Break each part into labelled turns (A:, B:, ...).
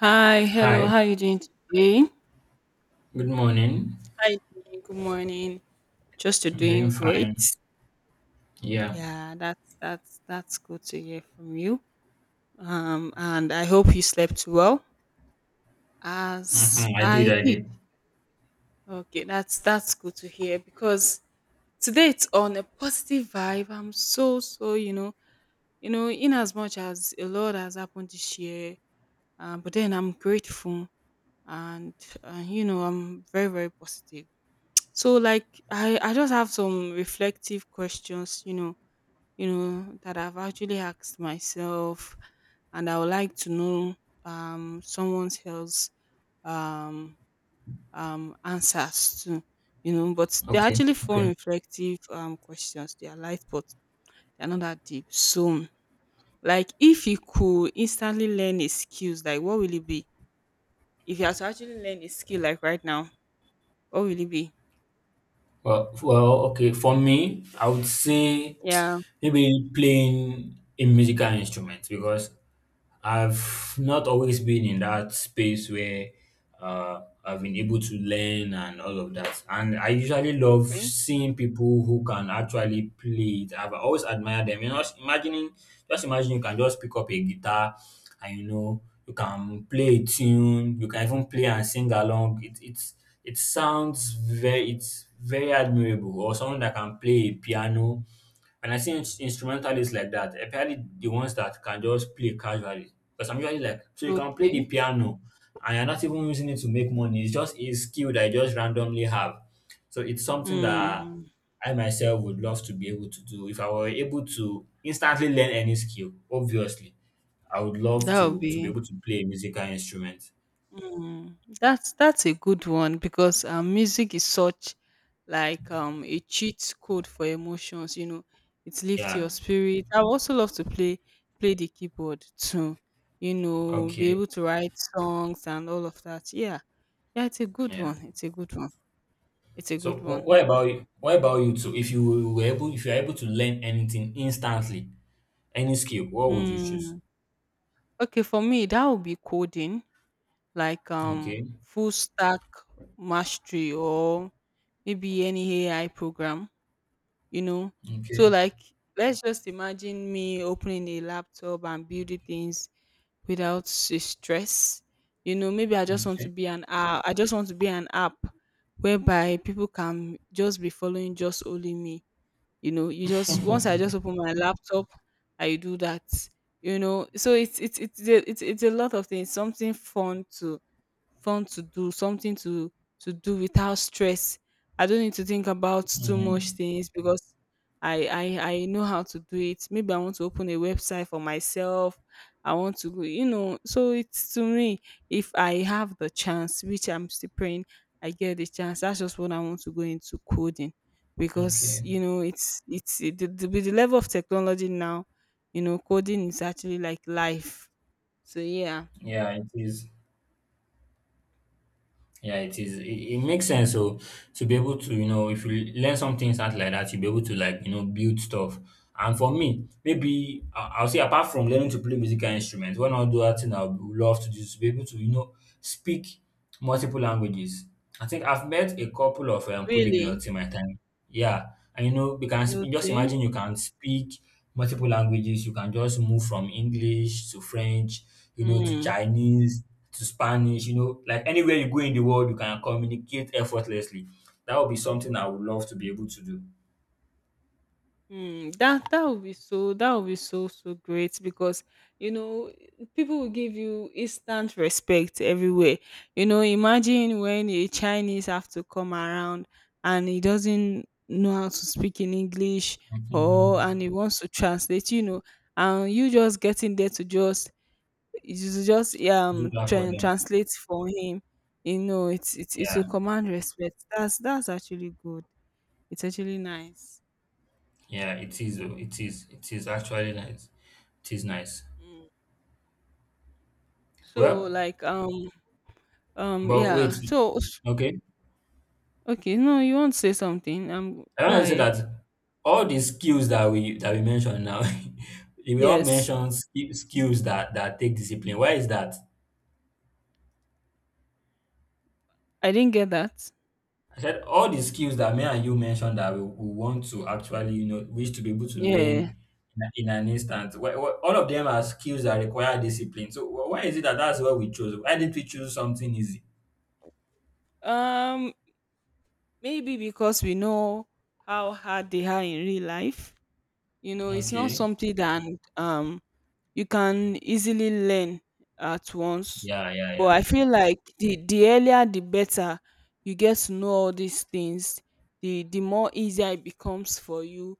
A: Hi, hello.
B: Hi,
A: How you doing today?
B: good morning.
A: Hi, doing? Good morning. Just you're
B: I'm doing
A: doing
B: fine.
A: great.
B: Yeah,
A: Yeah, that's good to hear from you. And I hope you slept well, as
B: I did,
A: I
B: I
A: did.
B: did.
A: Okay, that's good to hear because today it's on a positive vibe. I'm so you know, in as much as a lot has happened this year, but then I'm grateful and I'm very positive. So like I just have some reflective questions, that I've actually asked myself, and I would like to know someone else um answers to, But they're
B: Okay,
A: actually fun
B: okay.
A: reflective questions. They are light, but they're not that deep. So like if you could instantly learn a skills, like what will it be? If you had to actually learn a skill like right now, what will it be?
B: Well, okay. For me, I would say
A: Yeah.
B: maybe playing a musical instrument because I've not always been in that space where I've been able to learn and all of that. And I usually love
A: Okay.
B: seeing people who can actually play it. I've always admired them. You know, just imagining, just imagine you can just pick up a guitar and you know you can play a tune. You can even play and sing along. It's it's very admirable. Or someone that can play a piano, and I see instrumentalists like that, especially the ones that can just play casually. Because I'm usually like, so you can play the
A: Okay.
B: piano and you're not even using it to make money. It's just a skill that you just randomly have. So it's something that
A: Mm,
B: I myself would love to be able to do. If I were able to instantly learn any skill, obviously, I would love
A: that would
B: to be
A: be
B: able to play a musical instrument.
A: mm, that's a good one because music is such like a cheat code for emotions. You know, it lifts your
B: Yeah.
A: spirit. I would also love to play the keyboard too. You know, be
B: Okay.
A: able to write songs and all of that. Yeah, yeah, it's a good
B: Yeah.
A: one. It's a good one. It's a
B: So
A: good one.
B: what about you? What about you too? If you were able, if you're able to learn anything instantly, any skill, what would you choose?
A: Mm. Okay, for me that would be coding, like
B: Okay,
A: full stack mastery or maybe any AI program, you know. So
B: okay,
A: like let's just imagine me opening a laptop and building things without stress. You know, maybe I just want to
B: okay.
A: be an app. I just want to be an app whereby people can just be following just only me. You know, you just once I just open my laptop, I do that. You know, so it's a lot of things. Something fun to do, something to do without stress. I don't need to think about too much
B: Mm,
A: things because I know how to do it. Maybe I want to open a website for myself. I want to go, you know. So it's to me, if I have the chance, which I'm still praying, I get the chance. That's just what I want to go into coding because
B: okay.
A: you know it's it, the, with the level of technology now. You know, coding is actually like life. So yeah,
B: Yeah, it is. Yeah, it is. It makes sense. So to be able to, you know, if you learn some things out like that, you'll be able to, like, you know, build stuff. And for me, maybe I'll say apart from learning to play musical instruments, one other thing I would love to do is to be able to, you know, speak multiple languages. I think I've met a couple of
A: really
B: polyglots in my time. Yeah, and you know, we can speak, just
A: okay.
B: imagine you can speak multiple languages. You can just move from English to French, you know, to
A: Mm,
B: Chinese, to Spanish, you know, like anywhere you go in the world, you can communicate effortlessly. That would be something I would love to be able to do.
A: mm, that would be so that would be so great because you know people will give you instant respect everywhere. You know, imagine when a Chinese have to come around and he doesn't know how to speak in English or
B: Mhm.
A: and he wants to translate, you know, and you just getting there to just you to just
B: Do that for
A: try
B: them.
A: translate for him. You know, it's
B: Yeah,
A: a command respect. That's actually good. It's actually nice.
B: yeah, it is. Oh, It is. It is actually nice. It is nice.
A: Mm. So
B: Well,
A: like
B: but wait.
A: yeah.
B: Okay.
A: Okay, no, you want to say something? Um,
B: I
A: go
B: want to say
A: ahead.
B: that all the skills that we mentioned now, we all
A: Yes,
B: mentioned skills that take discipline. Why is that?
A: I didn't get that.
B: I said all the skills that me and you mentioned that we want to actually, you know, wish to be able to
A: Yeah.
B: learn in, in an instant. All of them are skills that require discipline. So why is it that that's what we chose? Why didn't we choose something easy?
A: Um, maybe because we know how hard they are in real life. You know, it's not
B: Okay.
A: something that um you can easily learn at once.
B: Yeah, yeah,
A: But
B: yeah.
A: I feel like the earlier the better you get to know all these things, the more easier it becomes for you.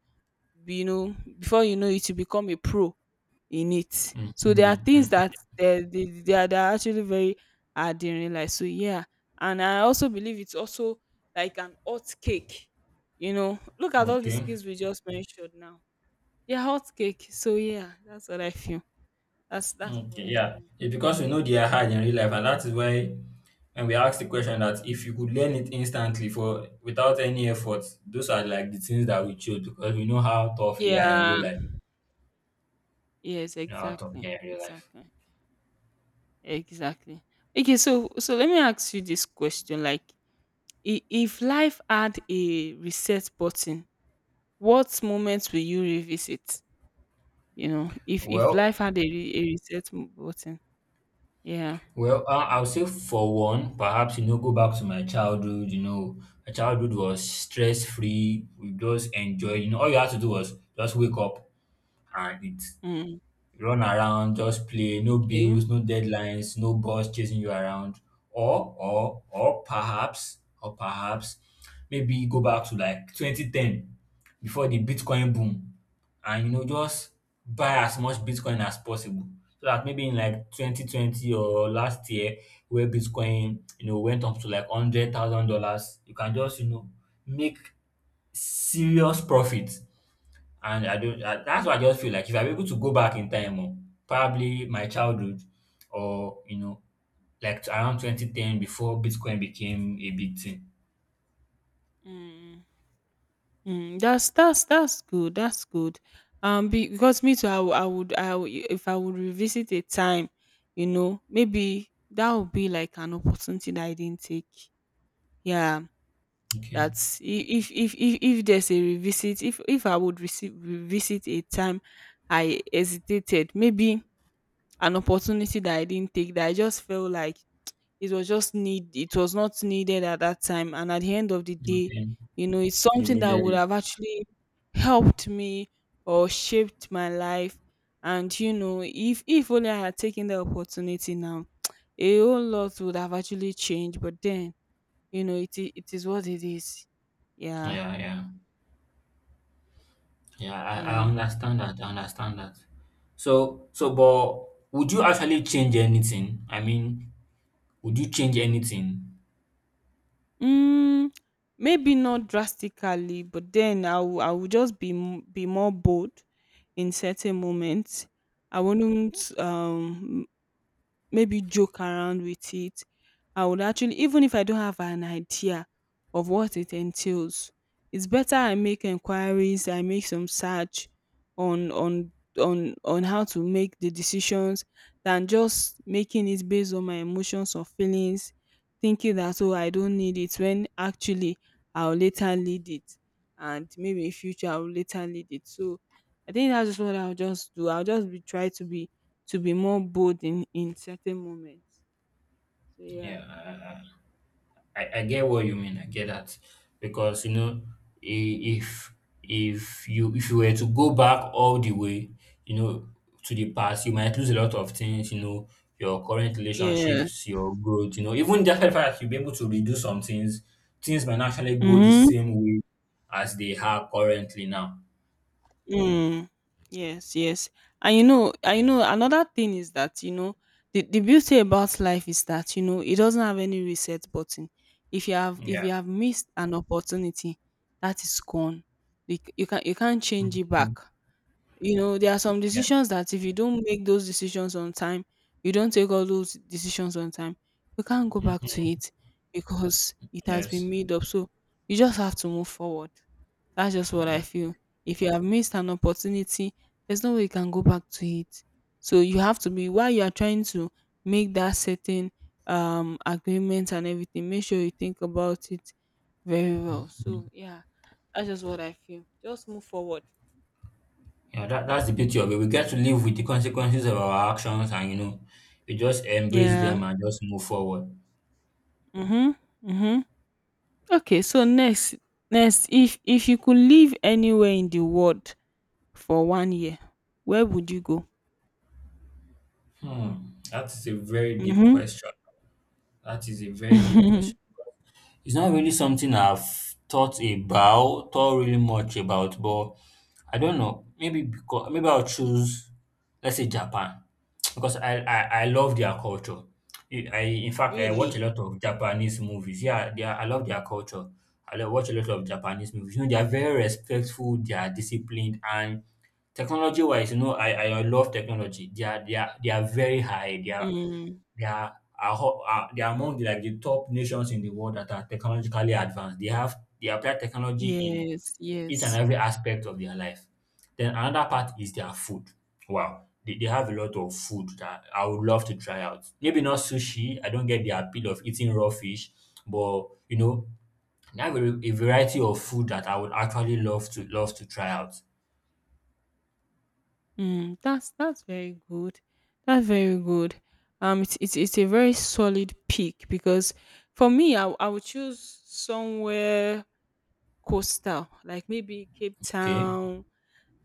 A: You know, before you know it you become a pro in it,
B: Mhm,
A: so there are things
B: mhm.
A: that they are actually very hard in real life. So yeah, and I also believe it's also like an hot cake. You know, look at all the
B: Okay.
A: skills we just mentioned now, yeah, hot cake. So yeah, that's what I feel, that's
B: Okay,
A: what I
B: yeah.
A: feel.
B: It's because we know they are hard in real life, and that is why when we ask the question that if you could learn it instantly for without any effort, those are like the things that we choose because we know how tough they are in real
A: Yeah,
B: life.
A: yes,
B: We know how tough
A: exactly
B: they are in real life.
A: exactly exactly. Okay, so let me ask you this question, like if life had a reset button, what moments will you revisit? You know, if
B: Well,
A: life had a a reset button, yeah.
B: well, I'll say for one, perhaps you know, go back to my childhood. You know, my childhood was stress free. We just enjoy. You know, all you had to do was just wake up and eat,
A: Mm,
B: run around, just play, no
A: okay.
B: bills, no deadlines, no boss chasing you around. Or perhaps maybe go back to like 2010 before the Bitcoin boom, and you know just buy as much Bitcoin as possible, so that maybe in like 2020 or last year where Bitcoin you know went up to like $100,000, you can just you know make serious profit. And I don't I, that's why I just feel like if I'm able to go back in time, oh, probably my childhood, or you know, like to around 2010 before Bitcoin became a big thing.
A: Mm, mm, that's that's good. That's good. Because me too, I would if I would revisit a time, you know, maybe that would be like an opportunity that I didn't take. Yeah,
B: Okay.
A: that's if there's a revisit, if I would receive revisit a time I hesitated, maybe an opportunity that I didn't take that I just felt like it was not needed at that time. And at the end of the day,
B: Okay.
A: you know, it's
B: You
A: something that
B: needed
A: would
B: it.
A: have actually helped me or shaped my life. And you know, if only I had taken the opportunity now, a whole lot would have actually changed. But then, you know, it is what it is. Yeah.
B: Yeah, yeah. Yeah, I
A: Yeah.
B: understand that. I understand that. But would you actually change anything? I mean, would you change anything?
A: Mm, maybe not drastically, but then I will just be more bold in certain moments. I wouldn't maybe joke around with it. I would actually, even if I don't have an idea of what it entails, it's better I make inquiries, I make some search on on on how to make the decisions than just making it based on my emotions or feelings, thinking that oh I don't need it when actually I'll later need it and maybe in future I'll later need it. So I think that's just what I'll just do. I'll just be try to be more bold in certain moments. So yeah.
B: Yeah, I get what you mean. I get that because you know if if you were to go back all the way, you know, to the past, you might lose a lot of things. You know, your current
A: Yes.
B: relationships, your growth. You know, even just the fact that you'll be able to redo some things, things might not actually go the
A: Mm-hmm.
B: same way as they are currently now.
A: Mm. Yes, yes. And you know, another thing is that, you know, the beauty about life is that, you know, it doesn't have any reset button. If you have
B: Yeah.
A: missed an opportunity, that is gone. You can, you can't change it back.
B: Mhm.
A: You know, there are some
B: Yeah.
A: decisions that if you don't make those decisions on time, you don't take all those decisions on time, you can't go back to
B: Mhm.
A: it because it has been
B: Yes.
A: made up. So you just have to move forward. That's just what I
B: Yeah.
A: feel. If you have missed an opportunity, there's no way you can go back to it. So you have to be while you are trying to make that certain agreement and everything, make sure you think about it very well. So yeah, that's just what I feel. Just move forward.
B: Yeah, that's the beauty of it. We get to live with the consequences of our actions, and, you know, we just embrace
A: Yeah.
B: them and just move forward.
A: Mhm, mhm. Okay, so next if you could live anywhere in the world for one year, where would you go?
B: Hmm. That is a very deep
A: Mhm.
B: question. That is a very deep question. It's not really something I've thought about, thought really much about, but I don't know. Maybe because maybe I'll choose, let's say Japan, because I love their culture. In fact, I watch
A: Really?
B: a lot of Japanese movies. Yeah, they are, I love their culture. Watch a lot of Japanese movies. You know, they are very respectful. They are disciplined, and technology wise, you know, I love technology. They are very high.
A: Mm.
B: They are ho- are They are among the, like, the top nations in the world that are technologically advanced. They apply technology in
A: Yes,
B: each and
A: yes.
B: every aspect of their life. Then another part is their food. Wow. They have a lot of food that I would love to try out. Maybe not sushi. I don't get the appeal of eating raw fish, but you know, they have a variety of food that I would actually love to try out.
A: Mm, that's very good. That's very good. It's a very solid pick because for me, I would choose somewhere coastal, like maybe Cape
B: Okay.
A: Town,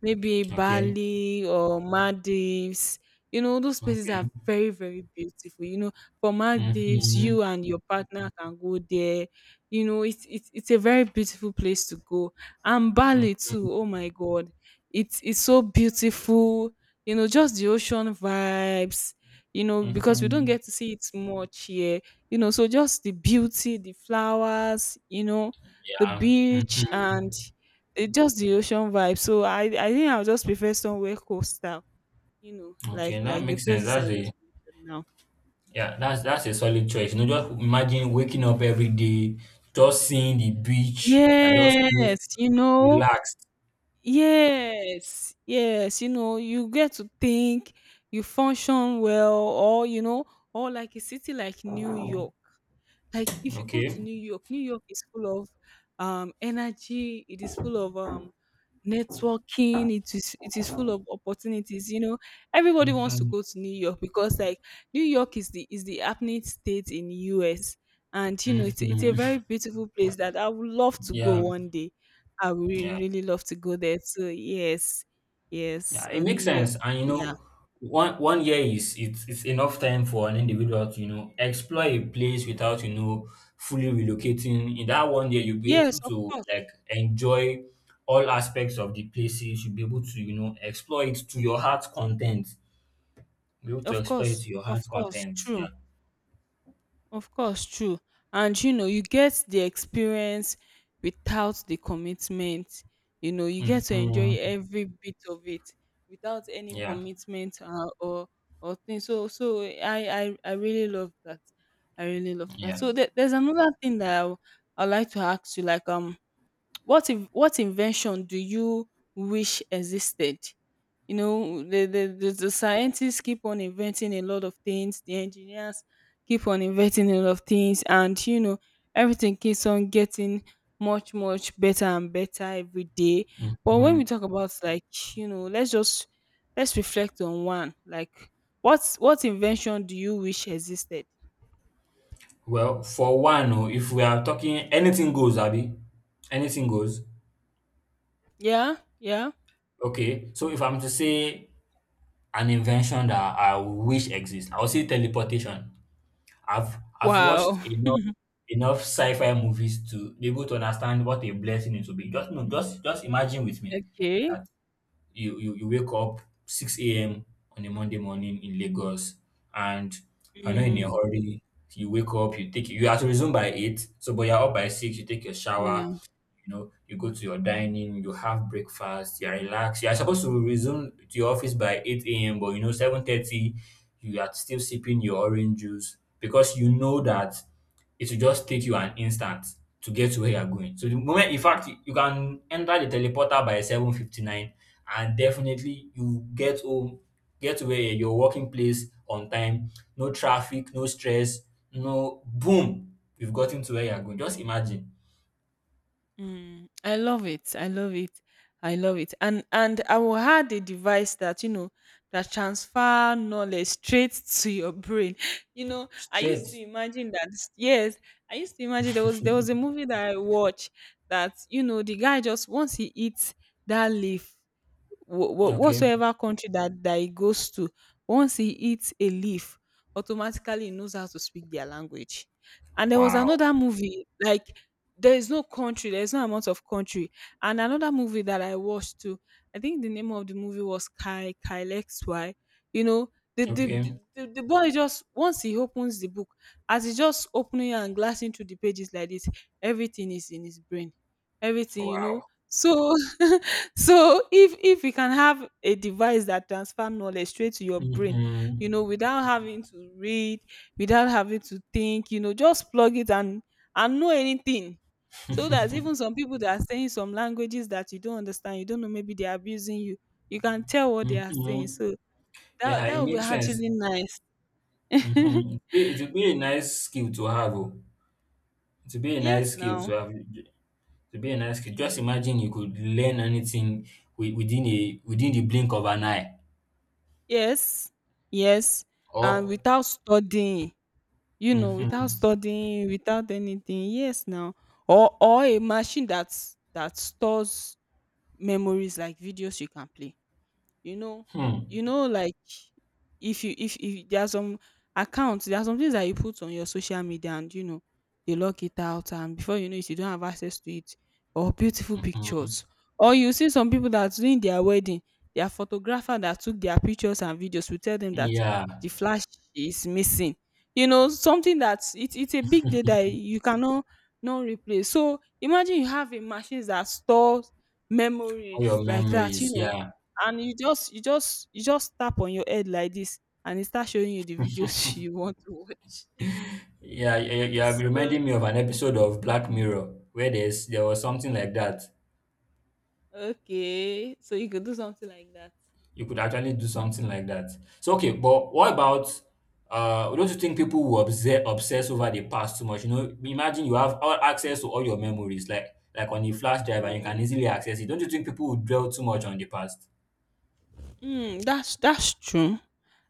A: maybe
B: Okay.
A: Bali or Maldives. You know, those places are
B: Okay.
A: very, very beautiful. You know, for Maldives,
B: Mm-hmm.
A: you and your partner can go there. You know, it's a very beautiful place to go. And Bali
B: Mm-hmm.
A: too, oh my god. It's so beautiful. You know, just the ocean vibes, you know, because we don't
B: Mm-hmm.
A: get to see it much here. You know, so just the beauty, the flowers, you know, the
B: Yeah.
A: beach and
B: Mm-hmm.
A: the, just the ocean vibe. So I think I'll just prefer somewhere coastal, you know,
B: Okay, that
A: like the
B: makes sense.
A: places
B: That's
A: I just
B: a
A: mentioned now.
B: Yeah, that's a solid choice. You know, just imagine waking up every day, just seeing the beach, I just feel
A: Yes, you know,
B: relaxed.
A: yes, yes, you know, you get to think, you function well, or you know, or like a city like New York. Like if you go to
B: Okay.
A: New York, New York is full of energy, it is full of networking, it is full of opportunities, you know. Everybody wants to
B: Mm-hmm.
A: go to New York because like New York is the happening state in US, and you know it's a
B: Mm-hmm.
A: very beautiful place that I would love to go
B: Yeah,
A: one day. I would really
B: yeah,
A: really love to go there too. Yes. Yes.
B: yeah. It
A: Or New
B: makes
A: York.
B: sense, and you
A: Yeah.
B: know, one year is it's enough time for an individual to you know explore a place without you know fully relocating. In that one year, you'll be
A: Yes,
B: able
A: of
B: to,
A: course.
B: like, enjoy all aspects of the places. You'll be able to you know explore it to your heart's content. Be able to
A: Of
B: explore it
A: course.
B: to your heart
A: Of course.
B: content.
A: True.
B: Yeah.
A: Of course. True. And you know, you get the experience without the commitment. You know, you get to
B: hmm
A: enjoy every bit of it without any
B: Yeah.
A: commitment or thing. So so I really love that. I really love that.
B: Yeah.
A: So there, there's another thing that I'd like to ask you, like what in what invention do you wish existed? You know, the scientists keep on inventing a lot of things, the engineers keep on inventing a lot of things, and you know, everything keeps on getting much, much better and better every day. But when
B: Mm-hmm.
A: we talk about like, you know, let's reflect on one. Like what's what invention do you wish existed?
B: Well, for one, oh, if we are talking anything goes, Abby, anything goes.
A: Yeah, yeah.
B: Okay. So if I'm to say an invention that I wish exists, I'll say teleportation. I've watched
A: Wow.
B: enough sci-fi movies to be able to understand what a blessing it will be. Just no, just imagine with me.
A: Okay.
B: You wake up 6 a.m. on a Monday morning in Lagos, and you're not in a
A: Mm,
B: hurry. You wake up, you take, you are to resume by eight, so but you're up by six, you take your shower,
A: yeah.
B: you know, you go to your dining, you have breakfast, you're relaxed. You're supposed to resume to your office by 8 a.m., but you know, 7:30, you are still sipping your orange juice because you know that it will just take you an instant to get to where you're going. So the moment, in fact, you can enter the teleporter by 7:59, and definitely you get home, get to where your working place on time, no traffic, no stress, no boom, you've gotten to where you're going. Just imagine.
A: Mm, I love it. I love it. I love it. And I will add a device that you know that transfer knowledge straight to your brain. You know, I
B: Straight.
A: used to imagine that. Yes, I used to imagine there was a movie that I watched that you know the guy just once he eats that leaf
B: Okay.
A: whatsoever country that he goes to, once he eats a leaf, automatically he knows how to speak their language. And there was
B: Wow.
A: another movie like there is no country, there is no amount of country. And another movie that I watched too. I think the name of the movie was Kai Kyle X Y. You know, the the, the
B: Okay.
A: the boy just once he opens the book, as he just opening and glancing through the pages like this, everything is in his brain. Everything, you know.
B: Wow.
A: So so if you can have a device that transfer knowledge straight to your brain, you know,
B: Mhm.
A: without having to read, without having to think, you know, just plug it and know anything, so that
B: Mhm.
A: even some people that are saying some languages that you don't understand, you don't know, maybe they're abusing you, you can tell what they are saying. So that
B: Yeah,
A: that
B: it
A: would be
B: makes sense.
A: actually nice.
B: Mhm. It would be a nice skill to have. Oh. It would be a nice
A: Yes,
B: skill to
A: now.
B: have. To be a nice skill. Just imagine you could learn anything within a within the blink of an eye.
A: Yes, yes, and
B: Or
A: without studying. You know, without
B: mhm.
A: studying, without anything. Yes, now. Or a machine that stores memories like videos you can play. You know,
B: Hmm.
A: you know, like, if you if there are some accounts, there are some things that you put on your social media and, you know, they lock it out and before you know it, you don't have access to it, or beautiful
B: Mhm.
A: pictures. Or you see some people that during their wedding, their photographer that took their pictures and videos will tell them that
B: Yeah.
A: the flash is missing. You know, something that it's a big day that you cannot not replace. So, imagine you have a machine that stores
B: All
A: memories
B: your
A: like that, you
B: memories.
A: know,
B: Yeah.
A: and you just tap on your head like this and it starts showing you the videos you want to watch.
B: Yeah. You are
A: So
B: reminding me of an episode of Black Mirror where there was something like that.
A: okay, so you could do something like that.
B: You could actually do something like that. So okay, but what about don't you think people will obsess over the past too much? You know, imagine you have all access to all your memories, like on a flash drive, and you can easily access it. Don't you think people will dwell too much on the past?
A: Mm, that's true,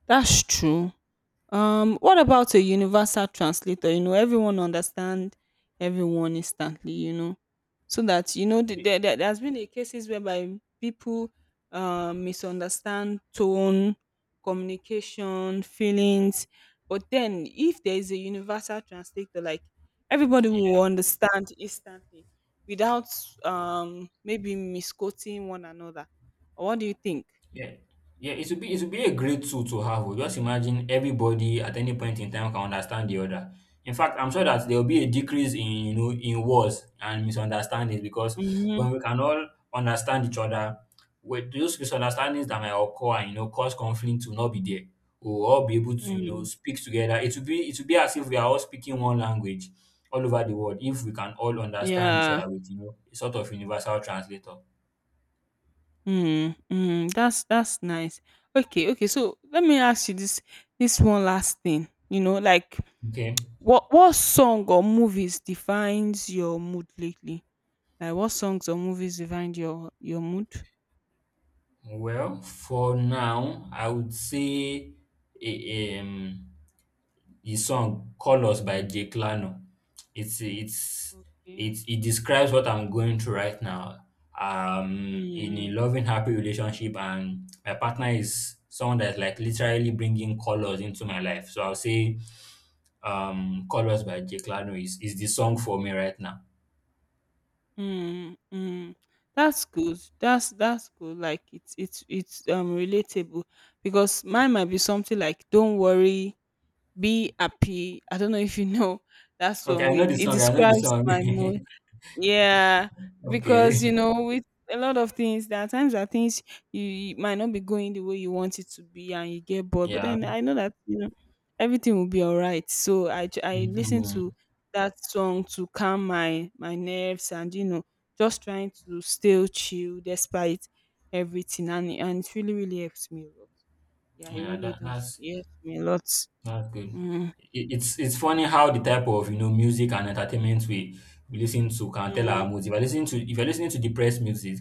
A: that's true. What about a universal translator? You know, everyone understand everyone instantly. You know, so that you know there has been a cases whereby people misunderstand tone, communication, feelings. But then, if there is a universal translator, like everybody will understand instantly without maybe misquoting one another. What do you think?
B: Yeah. Yeah, it should be a great tool to have. Oh. Just imagine everybody at any point in time can understand the other. In fact, I'm sure that there will be a decrease in you know in wars and misunderstandings because
A: Mm-hmm.
B: when we can all understand each other, with those misunderstandings that might occur and you know cause conflict will not be there. We'll all be able to you know speak together. It will be as if we are all speaking one language all over the world if we can all understand each
A: Yeah.
B: other with you know a sort of universal translator.
A: Mhm, mhm. That's nice. Okay, okay. So let me ask you this this one last thing. You know, like
B: Okay.
A: what song or movies defines your mood lately? Like what songs or movies define your mood?
B: Well, for now, I would say a, um, the song "Colors" by Jay Clano. It's it's
A: Okay.
B: it describes what I'm going through right now. In a
A: Mm,
B: loving, happy relationship, and my partner is someone that's like literally bringing colors into my life. So I'll say, "Colors" by Jay Clano is the song for me right now.
A: mm, mm. That's good. That's good. Like it's relatable because mine might be something like "Don't worry, be happy." I don't know if you know that
B: Okay,
A: song.
B: I know
A: It,
B: the
A: it
B: song. I know the
A: describes my mood.
B: song.
A: Yeah, because you
B: Okay,
A: know, with a lot of things, there are times that things you might not be going the way you want it to be, and you get bored. But
B: yeah.
A: then I know that you know everything will be all right. So I listen
B: Mhm,
A: to that song to calm my nerves, and you know, just trying to still chill despite everything, and it really really helps me a lot. Yeah, it
B: yeah.
A: really does. It helps me a lot.
B: That's good.
A: Mm,
B: It's funny how the type of you know music and entertainment we listen to can tell
A: mm,
B: our moods. If you're listening to depressed music,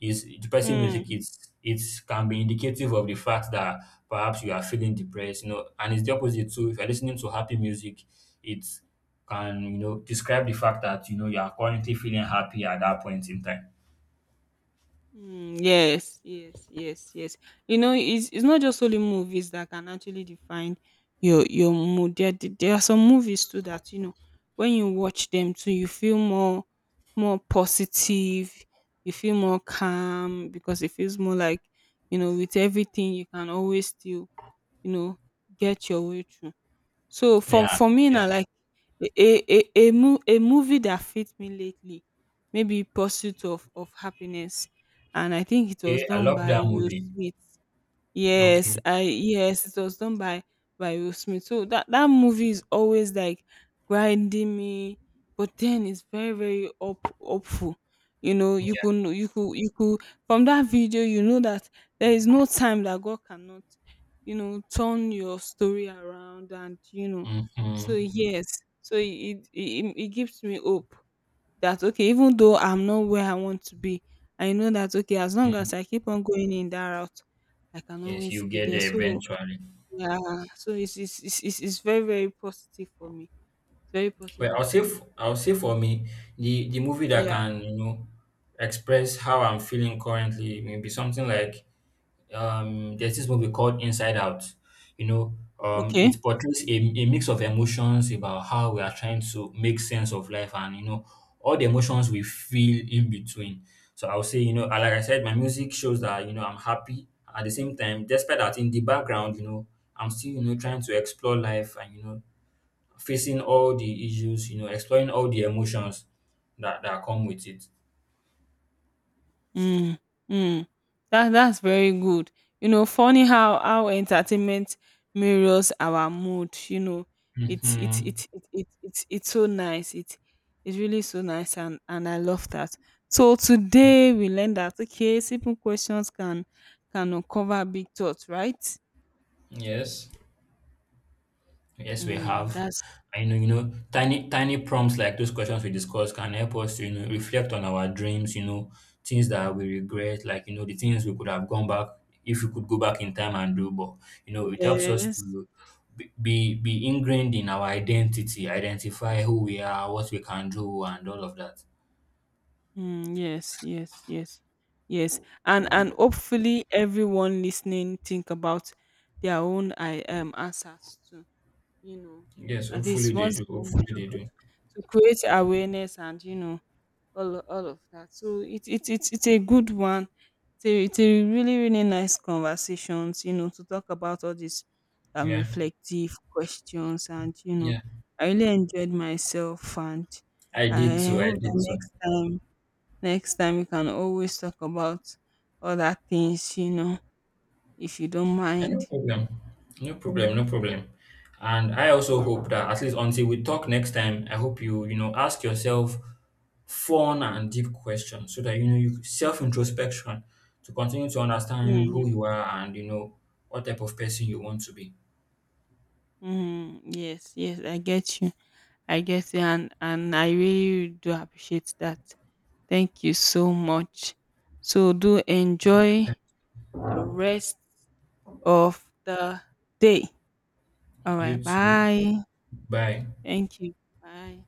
B: is depressing music,
A: mm.
B: it can be indicative of the fact that perhaps you are feeling depressed, you know, and it's the opposite too. If you're listening to happy music, it can, you know, describe the fact that you know you are currently feeling happy at that point in time.
A: Mm, yes, yes, yes, yes. You know, it's not just only movies that can actually define your mood. There are some movies too that you know when you watch them too, you feel more more positive. You feel more calm because it feels more like you know with everything you can always still, you know, get your way through. So for
B: Yeah.
A: me now, like a movie that fit me lately, maybe Pursuit of Happiness, and I think it was
B: Okay. I
A: done
B: love
A: by
B: that
A: Will
B: movie.
A: Smith. Yes,
B: Okay.
A: I yes, it was done by Will Smith. So that movie is always like grinding me, but then it's very very up upful. You know,
B: Yeah.
A: you could from that video you know that there is no time that God cannot, you know, turn your story around and you know. So
B: Mm-hmm.
A: yes, so it gives me hope that okay, even though I'm not where I want to be, I know that okay, as long
B: Mm-hmm.
A: as I keep on going in that route, I can
B: Yes,
A: always
B: you
A: be
B: get
A: there.
B: there
A: So
B: eventually.
A: yeah, so it's it's very very positive for me. It's very
B: Well,
A: positive for me.
B: I'll say for me, the movie that
A: Yeah.
B: can you know express how I'm feeling currently may be something like, there's this movie called Inside Out. You know,
A: Okay.
B: it portrays a mix of emotions about how we are trying to make sense of life and you know all the emotions we feel in between. So I'll say, you know, like I said, my music shows that you know I'm happy at the same time, despite that in the background, you know, I'm still you know trying to explore life and you know facing all the issues, you know, exploring all the emotions that come with it.
A: Mm, mm. That that's very good. You know, funny how entertainment mirrors our mood. You know,
B: Mm-hmm.
A: it's so nice. It it's really so nice, and I love that. So today we learned that okay, simple questions can uncover big thoughts, right?
B: Yes, yes, we
A: Mm,
B: have.
A: that's
B: I know, you know, tiny prompts like those questions we discussed can help us to, you know, reflect on our dreams, you know, things that we regret, like, you know, the things we could have gone back if we could go back in time and do, but, you know, it helps us
A: yes.
B: to be ingrained in our identity, identify who we are, what we can do, and all of that.
A: Mm, yes, yes, yes, yes, and hopefully everyone listening think about their own I answers too. You know,
B: Yes,
A: at least
B: hopefully they
A: once
B: do. Hopefully they do.
A: to create awareness and you know all of that. So it it's a good one. It's a really really nice conversations. You know, to talk about all these
B: Yeah.
A: reflective questions and you know,
B: Yeah,
A: I really enjoyed myself and
B: I did
A: I
B: too. I
A: hope that
B: did too.
A: next time Next time you can always talk about other things, you know, if you don't
B: And no
A: mind.
B: problem. No problem. No problem. And I also
A: Or
B: hope that at least until we talk next time, I hope you, you know, ask yourself fun and deep questions so that you know you self introspection to continue to understand who
A: mm,
B: you are and you know what type of person you want to be.
A: Hmm. Yes, yes, I get you. I get you and I really do appreciate that. Thank you so much. So do enjoy the rest of the day. All right,
B: You too.
A: bye.
B: Bye.
A: Thank you. Bye.